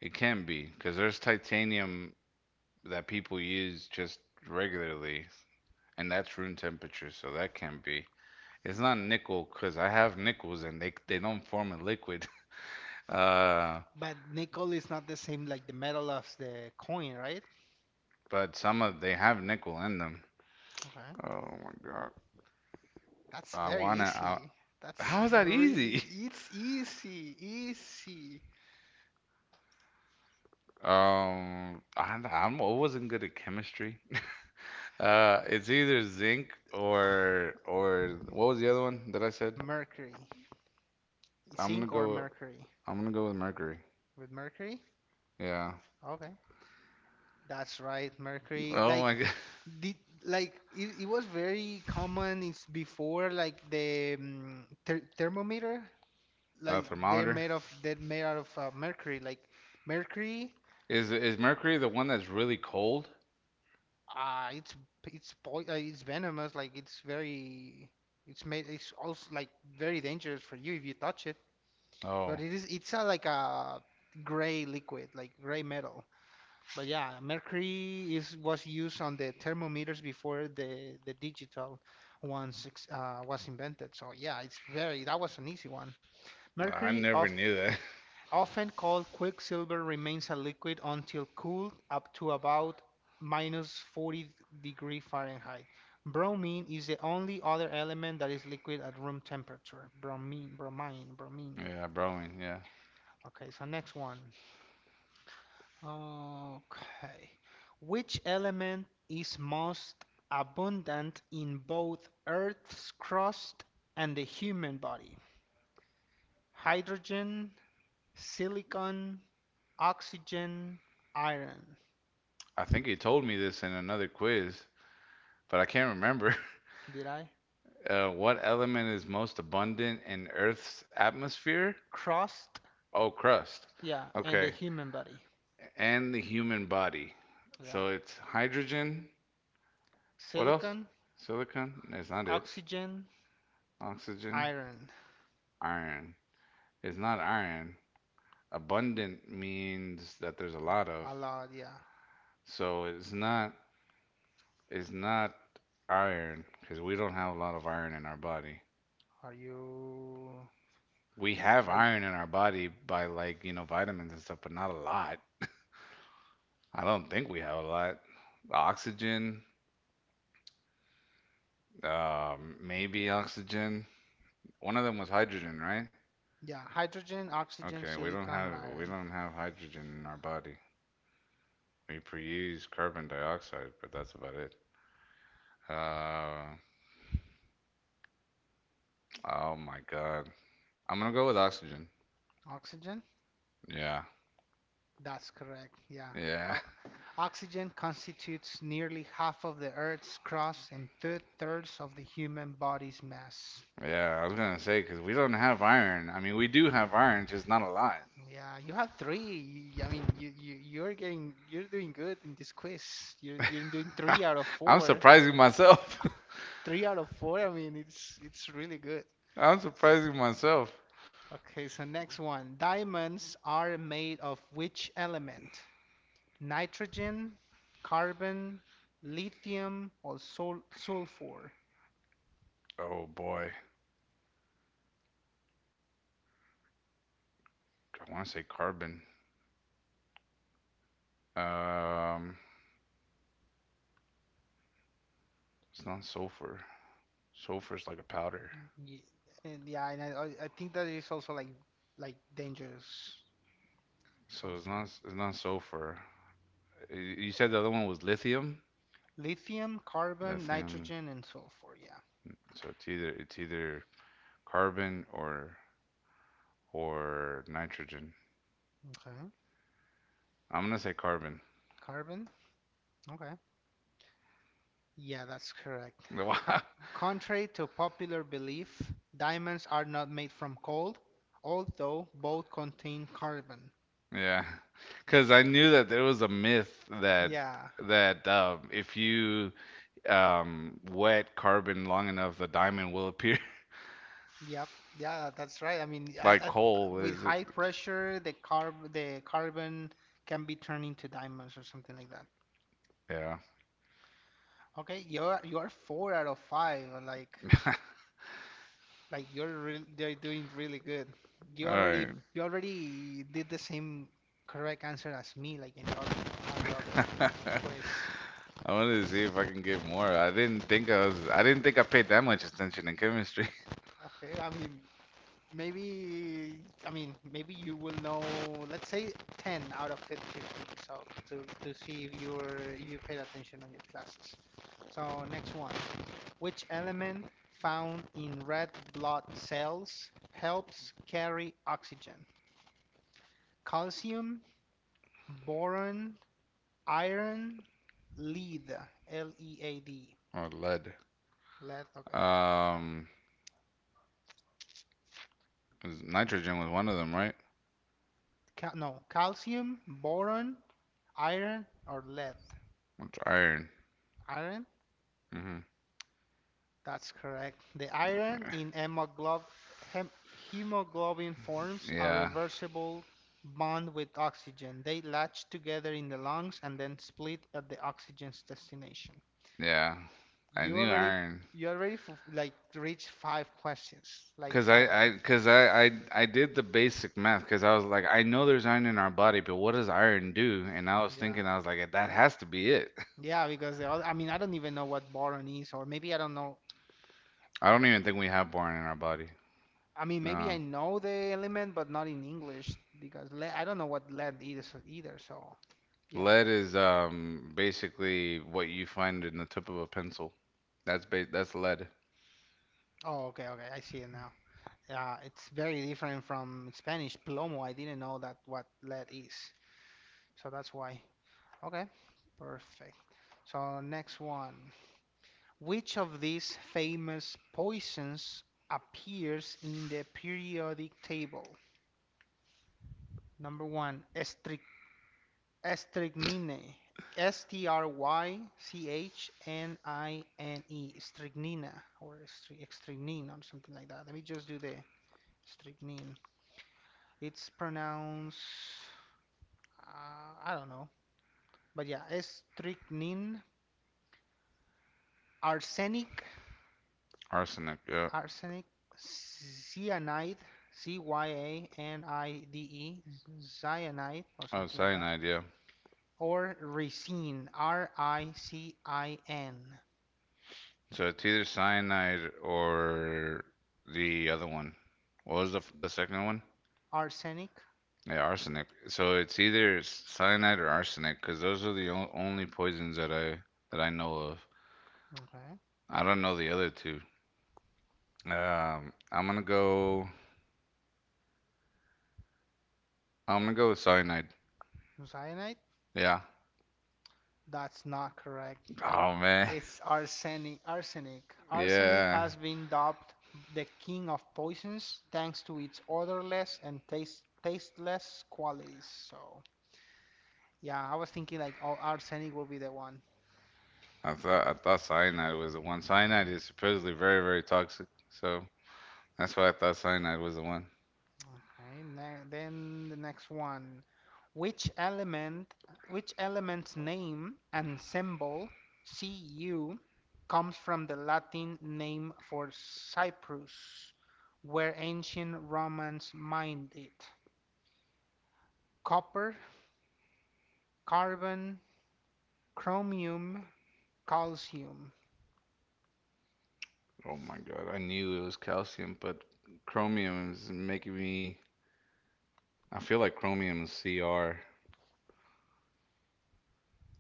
Speaker 1: it can be because there's titanium that people use just regularly, and that's room temperature, so that can be. It's not nickel because I have nickels and they don't form a liquid. Uh,
Speaker 2: But nickel is not the same like the metal of the coin, right?
Speaker 1: but some of they have nickel in them.
Speaker 2: Okay.
Speaker 1: Oh my god.
Speaker 2: That's
Speaker 1: I
Speaker 2: very
Speaker 1: wanna. I,
Speaker 2: easy. That's
Speaker 1: how is that
Speaker 2: really
Speaker 1: easy?
Speaker 2: easy. It's easy, easy.
Speaker 1: I wasn't good at chemistry. It's either zinc or what was the other one that I said?
Speaker 2: Mercury.
Speaker 1: I'm gonna
Speaker 2: Zinc or
Speaker 1: go.
Speaker 2: mercury?
Speaker 1: I'm gonna go with mercury.
Speaker 2: With mercury?
Speaker 1: Yeah.
Speaker 2: Okay. That's right, mercury.
Speaker 1: Oh
Speaker 2: Like
Speaker 1: my god.
Speaker 2: the like it was very common it's before like the thermometer
Speaker 1: A
Speaker 2: like
Speaker 1: thermometer.
Speaker 2: they're made out of mercury like mercury
Speaker 1: Is mercury the one that's really cold?
Speaker 2: uh it's it's po it's venomous like it's very it's also like very dangerous for you if you touch it
Speaker 1: Oh,
Speaker 2: but it's a like a gray liquid like gray metal. But yeah, mercury is was used on the thermometers before the digital ones was invented. So yeah, it's very that was an easy one.
Speaker 1: I
Speaker 2: Mercury,
Speaker 1: never
Speaker 2: of,
Speaker 1: knew that.
Speaker 2: often called quicksilver, remains a liquid until cooled up to about minus 40 degree Fahrenheit. Bromine is the only other element that is liquid at room temperature. Bromine.
Speaker 1: Yeah, bromine. Yeah.
Speaker 2: Okay, so next one. Okay. Which element is most abundant in both Earth's crust and the human body? Hydrogen, silicon, oxygen, iron.
Speaker 1: I think he told me this in another quiz, but I can't remember.
Speaker 2: Did I?
Speaker 1: What element is most abundant in Earth's atmosphere?
Speaker 2: Crust,
Speaker 1: Oh, crust.
Speaker 2: yeah, and the
Speaker 1: Okay.
Speaker 2: human body.
Speaker 1: And the human body.
Speaker 2: Yeah.
Speaker 1: So it's hydrogen. What else?
Speaker 2: Silicon,
Speaker 1: Silicon? That's not it.
Speaker 2: oxygen,
Speaker 1: Oxygen.
Speaker 2: iron.
Speaker 1: Iron. It's not iron. Abundant means that there's a lot of.
Speaker 2: A lot, yeah.
Speaker 1: So it's not iron because we don't have a lot of iron in our body.
Speaker 2: Are you,
Speaker 1: We have
Speaker 2: are you,
Speaker 1: iron in our body by like, you know, vitamins and stuff, but not a lot. I don't think we have a lot. Oxygen, maybe oxygen. One of them was hydrogen, right?
Speaker 2: yeah, hydrogen, oxygen,
Speaker 1: Okay,
Speaker 2: silicon, and
Speaker 1: we
Speaker 2: iron.
Speaker 1: don't have hydrogen in our body. We produce carbon dioxide, but that's about it. Uh, oh my God. I'm gonna go with oxygen.
Speaker 2: Oxygen?
Speaker 1: Yeah,
Speaker 2: That's correct. Yeah.
Speaker 1: yeah,
Speaker 2: How, Oxygen constitutes nearly half of the Earth's crust and two-thirds of the human body's mass.
Speaker 1: yeah. I was gonna say because we don't have iron. I mean, we do have iron, just not a lot.
Speaker 2: Yeah, you have three. I mean, you're getting you're doing good in this quiz. You're doing three out of
Speaker 1: I'm
Speaker 2: four.
Speaker 1: surprising myself.
Speaker 2: Three out of four. I mean, it's really good.
Speaker 1: I'm surprising myself.
Speaker 2: Okay, so next one. Diamonds are made of which element? Nitrogen, carbon, lithium, or sulfur?
Speaker 1: Oh boy, I want to say carbon. Um, it's not sulfur. Sulfur is like a powder,
Speaker 2: Ye- And yeah, and I think that is also like dangerous
Speaker 1: so
Speaker 2: sulfur.
Speaker 1: it's not sulfur. You said the other one was lithium.
Speaker 2: Lithium, carbon,
Speaker 1: Lithium.
Speaker 2: nitrogen, and sulfur. Yeah.
Speaker 1: So it's either carbon or nitrogen.
Speaker 2: Okay.
Speaker 1: I'm gonna say carbon.
Speaker 2: Carbon. Okay. Yeah, that's correct. Co- Contrary to popular belief, diamonds are not made from gold, although both contain carbon.
Speaker 1: Yeah, because I knew that there was a myth that
Speaker 2: Yeah.
Speaker 1: if you wet carbon long enough, the diamond will appear
Speaker 2: Yep. Yeah, that's right.
Speaker 1: like coal.
Speaker 2: With
Speaker 1: Is it?
Speaker 2: high pressure, the carbon can be turned into diamonds or something like that.
Speaker 1: Yeah.
Speaker 2: Okay, you're four out of five. Like you're real they're doing really good.
Speaker 1: All
Speaker 2: You already did the same correct answer as me, on the other.
Speaker 1: right.
Speaker 2: Pues,
Speaker 1: I wanted to see if I can give more. I didn't think I was. I didn't think I paid that much attention in chemistry
Speaker 2: okay. I mean, maybe maybe you will know. Let's say ten out of 50. So to see if you paid attention on your classes. So next one. Which element found in red blood cells helps carry oxygen? Calcium, boron, iron, lead, L E A D.
Speaker 1: or lead.
Speaker 2: Lead, okay.
Speaker 1: Um, 'Cause nitrogen was one of them, right?
Speaker 2: Cal- no, Calcium, boron, iron, or lead.
Speaker 1: What's iron?
Speaker 2: Iron,
Speaker 1: Hmm
Speaker 2: that's correct. The iron in hemoglobin forms a
Speaker 1: Yeah,
Speaker 2: reversible bond with oxygen. They latch together in the lungs and then split at the oxygen's destination.
Speaker 1: yeah. I
Speaker 2: You
Speaker 1: knew
Speaker 2: already
Speaker 1: iron
Speaker 2: you already like reached five questions.
Speaker 1: because I, I, because I, I, I did the basic math because I was like, I know there's iron in our body, but what does iron do? And I was
Speaker 2: Yeah.
Speaker 1: thinking, I was like, that has to be it.
Speaker 2: Yeah, because the other, I mean, I don't even know what boron is, or maybe I don't know.
Speaker 1: I don't even think we have boron in our body.
Speaker 2: I mean, maybe I
Speaker 1: No,
Speaker 2: know the element, but not in English because lead, I don't know what lead is either. So, yeah.
Speaker 1: lead is basically what you find in the tip of a pencil. That's lead.
Speaker 2: Oh, okay, okay, I see it now. Yeah, it's very different from Spanish plomo. I didn't know that what lead is, so that's why. Okay, perfect. So next one. Which of these famous poisons appears in the periodic table? Number one, strychnine. S T R Y C H N I N E. Strychnine or something like that. Let me just do the strychnine. It's pronounced, I don't know. But yeah, strychnine, arsenic,
Speaker 1: Arsenic, yeah.
Speaker 2: arsenic, cyanide, C Y A N I D E, cyanide or
Speaker 1: Oh,
Speaker 2: something like that.
Speaker 1: cyanide, yeah.
Speaker 2: Or ricin, R I C I N.
Speaker 1: So it's either cyanide or the other one. What was the second one?
Speaker 2: Arsenic.
Speaker 1: Yeah, arsenic. So it's either cyanide or arsenic, because those are only poisons that I know of.
Speaker 2: Okay.
Speaker 1: I don't know the other two. Um, I'm gonna go. I'm gonna go with cyanide.
Speaker 2: Cyanide?
Speaker 1: Yeah.
Speaker 2: That's not correct.
Speaker 1: Oh man.
Speaker 2: It's arsenic. Arsenic. Arsenic
Speaker 1: Yeah.
Speaker 2: has been dubbed the king of poisons thanks to its odorless and tasteless qualities. So, yeah, I was thinking like, oh, arsenic will be the one.
Speaker 1: I thought cyanide was the one. Cyanide is supposedly very, very toxic, so that's why I thought cyanide was the one.
Speaker 2: Okay, then the next one. Which element which element's name and symbol Cu comes from the Latin name for Cyprus, where ancient Romans mined it. Copper, carbon, chromium, calcium.
Speaker 1: Oh my God, I knew it was calcium, but chromium is making me. I feel like chromium is Cr.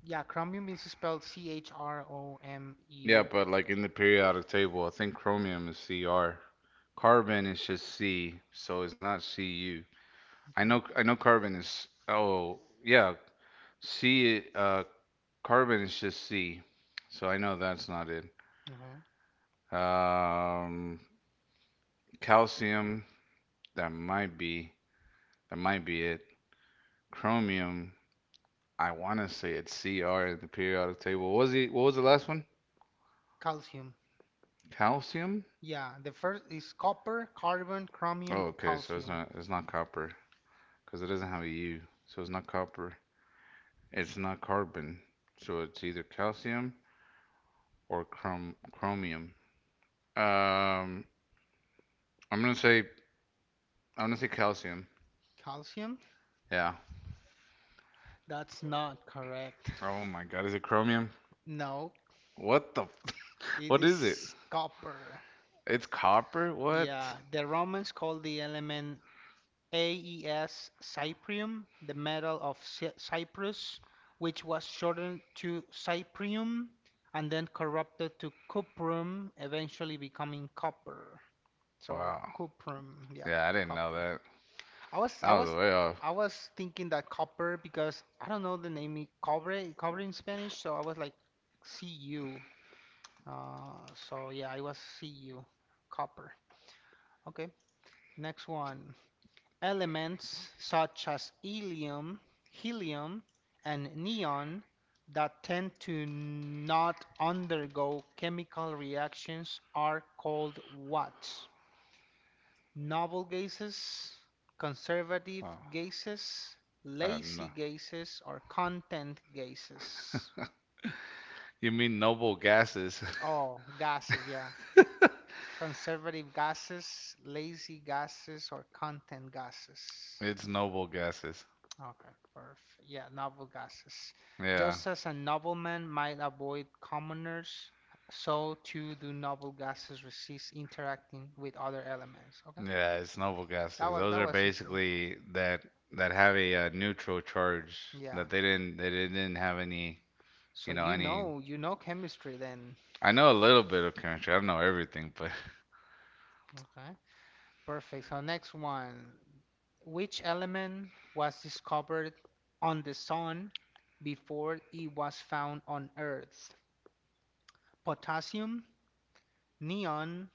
Speaker 2: Yeah, chromium is spelled C H R O M
Speaker 1: Yeah,
Speaker 2: U.
Speaker 1: but like in the periodic table, I think chromium is Cr. Carbon is just C, so it's not Cu. I know
Speaker 2: Okay.
Speaker 1: I know carbon is oh yeah, C carbon is just C. So I know that's not it.
Speaker 2: Okay.
Speaker 1: Um Calcium, that might be that might be it. Chromium, I want to say it's Cr in the periodic table. What was he? What was the last one?
Speaker 2: Calcium.
Speaker 1: Calcium?
Speaker 2: Yeah, the first is copper, carbon, chromium,
Speaker 1: Oh, okay. So
Speaker 2: calcium.
Speaker 1: it's not copper because it doesn't have a U. So it's not copper. It's not carbon. So it's either calcium or chromium. Um, I'm gonna say I'm gonna say calcium.
Speaker 2: Calcium?
Speaker 1: Yeah.
Speaker 2: That's not correct.
Speaker 1: Oh my God, is it chromium?
Speaker 2: No,
Speaker 1: What the f?
Speaker 2: it
Speaker 1: What is it?
Speaker 2: is copper.
Speaker 1: It's copper? What?
Speaker 2: Yeah, the Romans called the element AES cyprium, the metal of Cyprus, which was shortened to cyprium and then corrupted to cuprum, eventually becoming copper. So
Speaker 1: Wow.
Speaker 2: cuprum, yeah,
Speaker 1: Yeah, I didn't know
Speaker 2: copper.
Speaker 1: that.
Speaker 2: I was I
Speaker 1: I was
Speaker 2: was
Speaker 1: way off.
Speaker 2: I was thinking that copper because I don't know the name cobre in Spanish, so I was like CU. Uh, so yeah, I was CU, copper. Okay, next one. Elements such as helium, and neon that tend to not undergo chemical reactions are called what? Noble gases, conservative
Speaker 1: Oh,
Speaker 2: gases, lazy
Speaker 1: no.
Speaker 2: gases, or content gases?
Speaker 1: You mean noble gases?
Speaker 2: Oh, gases, yeah. Conservative gases, lazy gases, or content gases.
Speaker 1: It's noble gases.
Speaker 2: Okay, perfect. Yeah, noble gases.
Speaker 1: Yeah.
Speaker 2: Just as a nobleman might avoid commoners, so too do noble gases resist interacting with other elements. Okay,
Speaker 1: Yeah, it's noble gases. Those
Speaker 2: that
Speaker 1: are
Speaker 2: was easy.
Speaker 1: basically that that have a, neutral charge
Speaker 2: Yeah.
Speaker 1: that they didn't have any,
Speaker 2: So
Speaker 1: you know, any
Speaker 2: you know chemistry then.
Speaker 1: I know a little bit of chemistry. I don't know everything, but
Speaker 2: Okay, perfect. So next one, which element was discovered on the sun before it was found on Earth? Potassium, neon,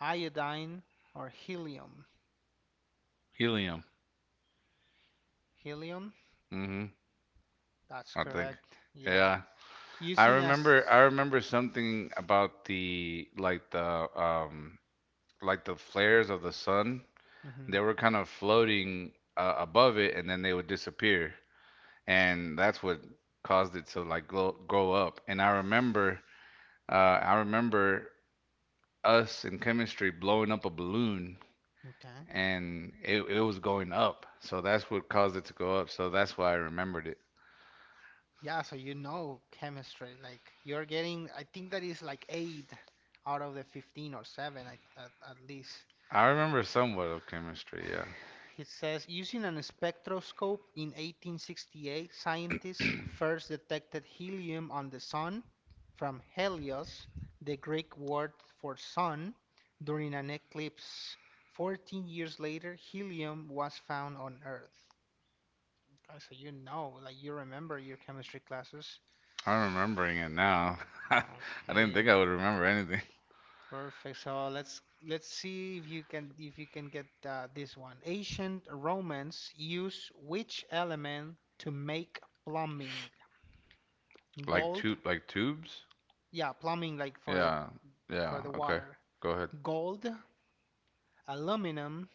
Speaker 2: iodine, or helium?
Speaker 1: helium.
Speaker 2: Helium,
Speaker 1: Mhm.
Speaker 2: that's
Speaker 1: I think.
Speaker 2: correct. Yeah.
Speaker 1: Yeah.
Speaker 2: Using as
Speaker 1: I remember something about the like the um like the flares of the sun.
Speaker 2: hmm
Speaker 1: They were kind of floating above it, and then they would disappear, and that's what caused it to like glow, grow up. And I remember us in chemistry blowing up a balloon,
Speaker 2: okay.
Speaker 1: and it was going up. So that's what caused it to go up. So that's why I remembered it.
Speaker 2: Yeah, so you know chemistry. Like you're getting, I think that is like eight out of the 15 or seven at least.
Speaker 1: I remember somewhat of chemistry. Yeah,
Speaker 2: It says using an spectroscope in 1868, scientists first detected helium on the sun from Helios, the Greek word for sun, during an eclipse. 14 years later, helium was found on Earth. So you know, like you remember your chemistry classes.
Speaker 1: I'm remembering it now. I didn't
Speaker 2: Okay,
Speaker 1: think I would remember anything.
Speaker 2: perfect. So let's see if you can get this one. Ancient Romans use which element to make plumbing?
Speaker 1: Like
Speaker 2: Gold?
Speaker 1: tube, like tubes.
Speaker 2: Yeah, plumbing like
Speaker 1: Yeah,
Speaker 2: for
Speaker 1: yeah.
Speaker 2: the
Speaker 1: Okay,
Speaker 2: water.
Speaker 1: go ahead.
Speaker 2: Gold, aluminum,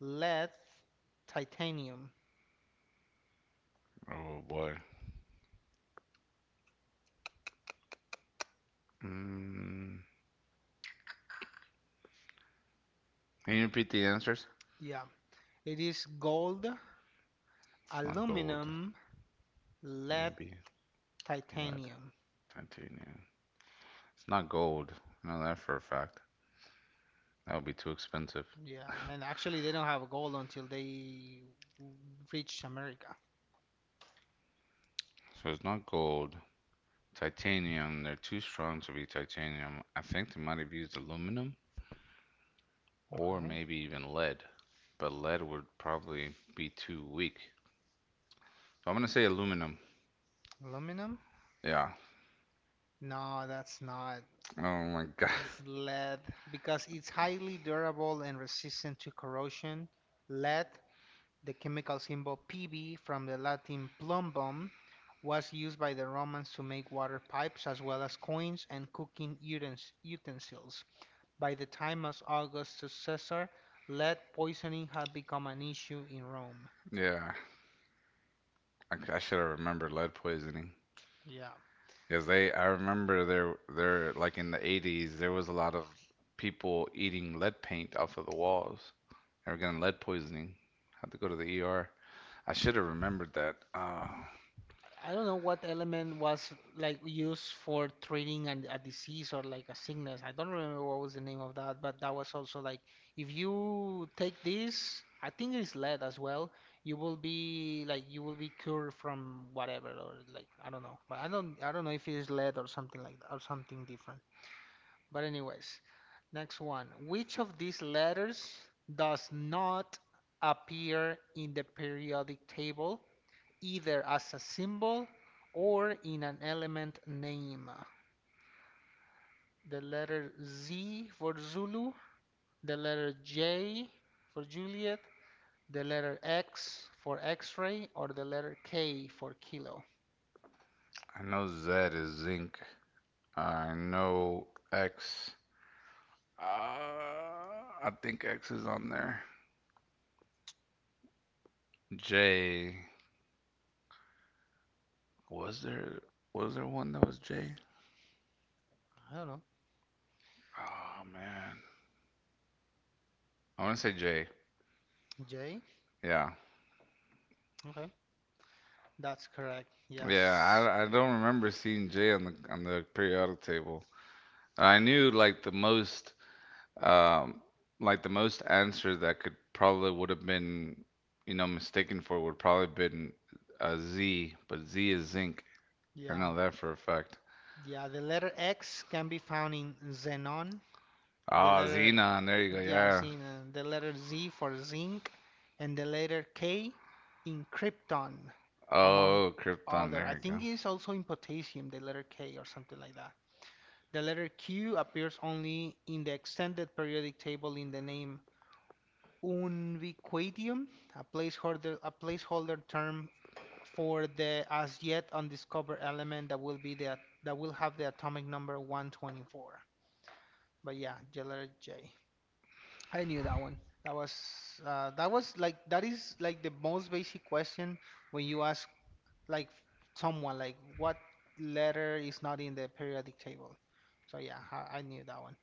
Speaker 2: lead, titanium.
Speaker 1: Oh boy. Mm, can you repeat the answers?
Speaker 2: Yeah, it is gold,
Speaker 1: It's not gold.
Speaker 2: aluminum, lead,
Speaker 1: Maybe lead,
Speaker 2: titanium.
Speaker 1: titanium. It's not gold. I know that for a fact. That would be too expensive.
Speaker 2: Yeah, and actually they don't have gold until they reach America.
Speaker 1: So it's not gold. Titanium, they're too strong to be titanium. I think they might have used aluminum or
Speaker 2: Okay.
Speaker 1: maybe even lead. But lead would probably be too weak. So I'm gonna say aluminum.
Speaker 2: Aluminum?
Speaker 1: Yeah.
Speaker 2: No, that's not.
Speaker 1: Oh my god.
Speaker 2: It's lead because it's highly durable and resistant to corrosion. Lead, the chemical symbol Pb from the Latin plumbum, was used by the Romans to make water pipes as well as coins and cooking utensils. By the time of Augustus Caesar, lead poisoning had become an issue in Rome.
Speaker 1: Yeah. I should have remembered lead poisoning.
Speaker 2: Yeah.
Speaker 1: Because they, I remember like in the 80s, there was a lot of people eating lead paint off of the walls. They were getting lead poisoning. Had to go to the ER. I should have remembered that.
Speaker 2: I don't know what element was like used for treating a disease or like a sickness. I don't remember what was the name of that, but that was also like if you take this, I think it's lead as well. You will be like you will be cured from whatever or like I don't know, but I don't know if it is lead or something like that or something different. But anyways, next one. Which of these letters does not appear in the periodic table? Either as a symbol or in an element name. The letter Z for Zulu, the letter J for Juliet, the letter X for X-ray, or the letter K for kilo.
Speaker 1: I know Z is zinc. I know X. Uh, I think X is on there. J. Was there was there one that was J?
Speaker 2: I don't know.
Speaker 1: Oh man, I want to say J.
Speaker 2: J?
Speaker 1: Yeah,
Speaker 2: Okay. That's correct.
Speaker 1: Yeah,
Speaker 2: Yes.
Speaker 1: I, I don't remember seeing Jay on the periodic table. I knew like the most um answer that could probably would have been you know mistaken for would probably been a Z, but Z is zinc. I
Speaker 2: Yeah.
Speaker 1: know that for a fact.
Speaker 2: Yeah, the letter X can be found in xenon, the
Speaker 1: Ah,
Speaker 2: letter
Speaker 1: xenon. There you go. Yeah.
Speaker 2: The letter Z for zinc and the letter K in krypton, among
Speaker 1: Oh, krypton.
Speaker 2: other. I
Speaker 1: There you go.
Speaker 2: think it's also in potassium, the letter K or something like that. The letter Q appears only in the extended periodic table in the name Unviquatium, a placeholder term for the as yet undiscovered element that will be the that will have the atomic number 124. But yeah, the letter J. I knew that one. That was that is like the most basic question when you ask like someone like what letter is not in the periodic table. So yeah, I knew that one.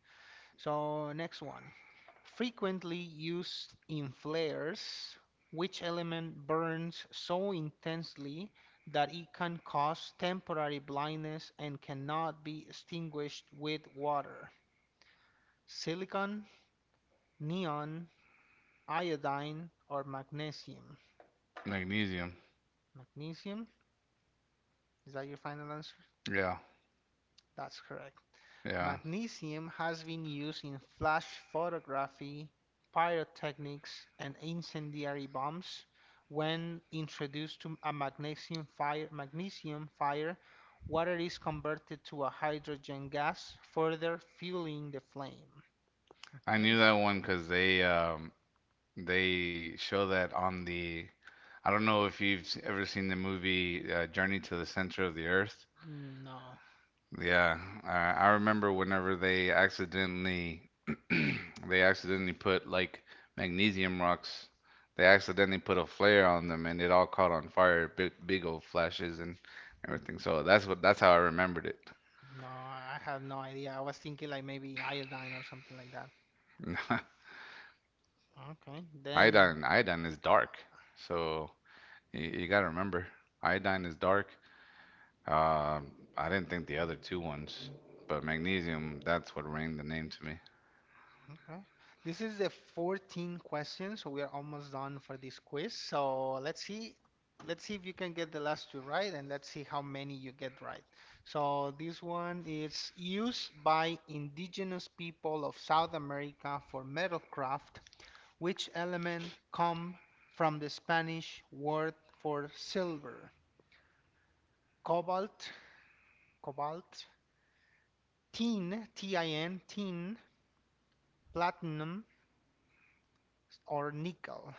Speaker 2: So next one. Frequently used in flares, which element burns so intensely that it can cause temporary blindness and cannot be extinguished with water? Silicon, neon, iodine, or magnesium.
Speaker 1: Magnesium.
Speaker 2: Magnesium, is that your final answer?
Speaker 1: Yeah,
Speaker 2: That's correct.
Speaker 1: yeah.
Speaker 2: Magnesium has been used in flash photography, pyrotechnics, and incendiary bombs. When introduced to a magnesium fire, water is converted to a hydrogen gas, further fueling the flame.
Speaker 1: I
Speaker 2: Okay,
Speaker 1: knew that one because they show that on the. I don't know if you've ever seen the movie Journey to the Center of the Earth.
Speaker 2: no,
Speaker 1: Yeah, I remember whenever they accidentally they accidentally put like magnesium rocks. They accidentally put a flare on them, and it all caught on fire. Big, big old flashes and everything. So that's what that's how I remembered it.
Speaker 2: no, I have no idea. I was thinking like maybe iodine or something like that. Okay, then
Speaker 1: Iodine, iodine is dark. So you gotta remember, iodine is dark. Um, I didn't think the other two ones, but magnesium, that's what rang the name to me.
Speaker 2: okay. This is the 14th question, so we are almost done for this quiz. So let's see if you can get the last two right, and let's see how many you get right. So this one is used by indigenous people of South America for metalcraft. Which element come from the Spanish word for silver? Cobalt, cobalt, tin, T-I-N, tin, platinum, or nickel?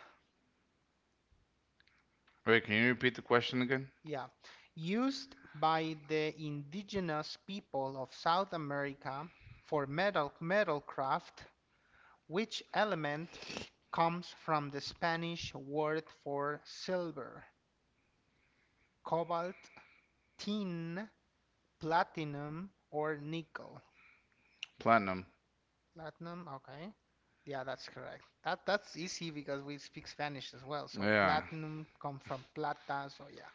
Speaker 1: Wait, can you repeat the question again?
Speaker 2: Yeah, used by the indigenous people of South America for metal craft, which element comes from the Spanish word for silver, cobalt, tin, platinum, or nickel?
Speaker 1: Platinum.
Speaker 2: Platinum, okay. Yeah, that's correct. That's easy because we speak Spanish as well. So
Speaker 1: Yeah.
Speaker 2: platinum comes from plata, so yeah.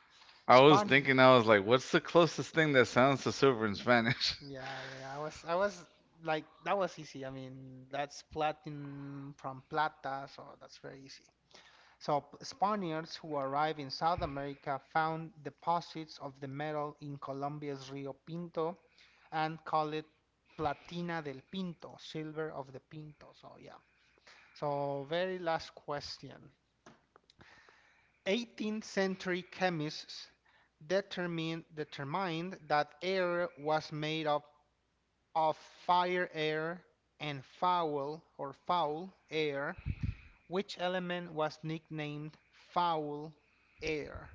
Speaker 1: I was
Speaker 2: Span.
Speaker 1: thinking, I was like, what's the closest thing that sounds to silver in Spanish?
Speaker 2: Yeah, yeah, yeah. I was like, that was easy. I mean, that's Platin from Plata, so that's very easy. So Spaniards who arrived in South America found deposits of the metal in Colombia's Rio Pinto and call it Platina del Pinto, silver of the Pinto. So yeah. So very last question. 18th century chemists determined that air was made of fire air and foul or foul air, which element was nicknamed foul air?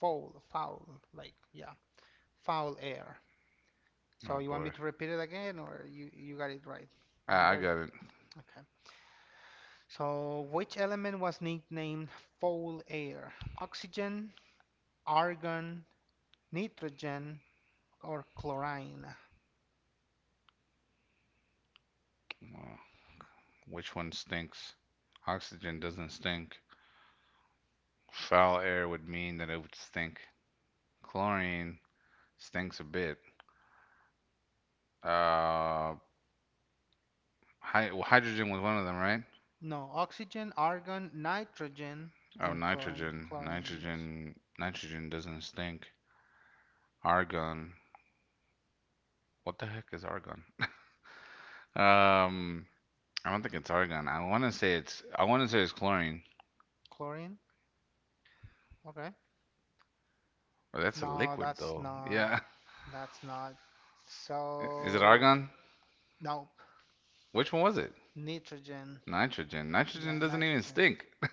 Speaker 2: Foul, like yeah, foul air. So
Speaker 1: Oh
Speaker 2: you want
Speaker 1: boy.
Speaker 2: me to repeat it again, or you got it right?
Speaker 1: Ah,
Speaker 2: You
Speaker 1: I
Speaker 2: got it.
Speaker 1: got it.
Speaker 2: Okay. So which element was nicknamed foul air? Oxygen, argon, nitrogen, or chlorine?
Speaker 1: Uh, which one stinks? Oxygen doesn't stink. Foul air would mean that it would stink. Chlorine stinks a bit. Uh, well, hydrogen was one of them, right?
Speaker 2: No, oxygen, argon, nitrogen,
Speaker 1: Oh,
Speaker 2: and chlorine.
Speaker 1: nitrogen.
Speaker 2: Chlorine, yes.
Speaker 1: Nitrogen. Nitrogen doesn't stink. Argon. What the heck is argon? Um, I don't think it's argon. I want to say it's chlorine.
Speaker 2: Chlorine? Okay.
Speaker 1: But that's a
Speaker 2: No,
Speaker 1: liquid
Speaker 2: that's
Speaker 1: though.
Speaker 2: not.
Speaker 1: Yeah.
Speaker 2: That's not.
Speaker 1: Is it
Speaker 2: So,
Speaker 1: argon?
Speaker 2: nope.
Speaker 1: Which one was it?
Speaker 2: Nitrogen.
Speaker 1: Nitrogen.
Speaker 2: Yeah,
Speaker 1: Nitrogen doesn't even
Speaker 2: nitrogen.
Speaker 1: stink.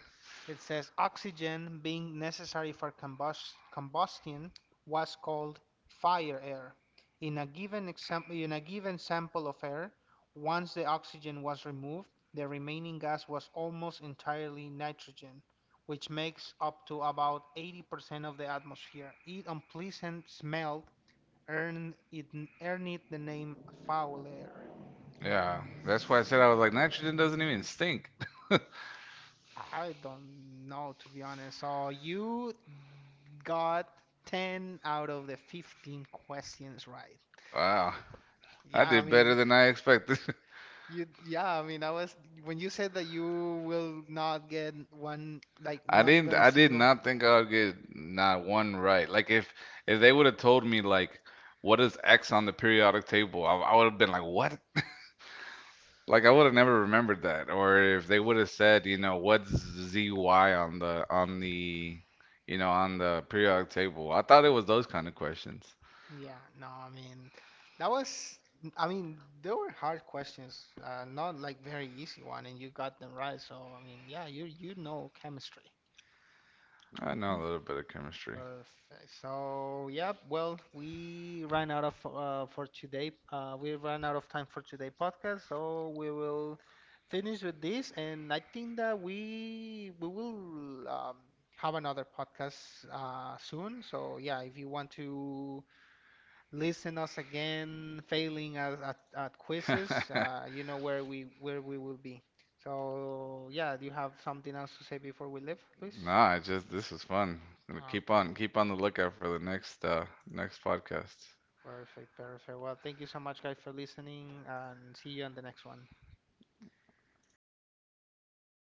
Speaker 2: It says oxygen being necessary for combustion was called fire air. In a given example, in a given sample of air, once the oxygen was removed, the remaining gas was almost entirely nitrogen, which makes up to about 80% of the atmosphere. Its unpleasant smell earned it, earned it the name foul air.
Speaker 1: Yeah. That's why I said I was like nitrogen doesn't even stink.
Speaker 2: I don't know, to be honest. So you got 10 out of the 15 questions right.
Speaker 1: Wow. I
Speaker 2: Yeah, I
Speaker 1: did better
Speaker 2: mean,
Speaker 1: than I expected.
Speaker 2: you, yeah, I mean, I was, when you said that you will not get one, like, not even a
Speaker 1: I did
Speaker 2: single.
Speaker 1: not think I would get not one right. Like if they would have told me like what is X on the periodic table, I would have been like, what. Like I would have never remembered that, or if they would have said, you know, what's ZY on the you know on the periodic table. I thought it was those kind of questions.
Speaker 2: Yeah, no, I mean, that was, I mean, they were hard questions, not like very easy one, and you got them right. So, I mean, yeah, you know chemistry.
Speaker 1: I know
Speaker 2: Okay,
Speaker 1: a little bit of chemistry.
Speaker 2: perfect. So, yeah, well, we ran out of for today. We ran out of time for today podcast, so we will finish with this, and I think that we will have another podcast soon. So, yeah, if you want to listen us again, failing at quizzes, you know where we will be. So, yeah, do you have something else to say before we leave, Luis?
Speaker 1: Nah, I just this was fun. Keep
Speaker 2: Okay.
Speaker 1: on keep on the lookout for the next podcast.
Speaker 2: Perfect, perfect. Well, thank you so much, guys, for listening, and see you on the next one.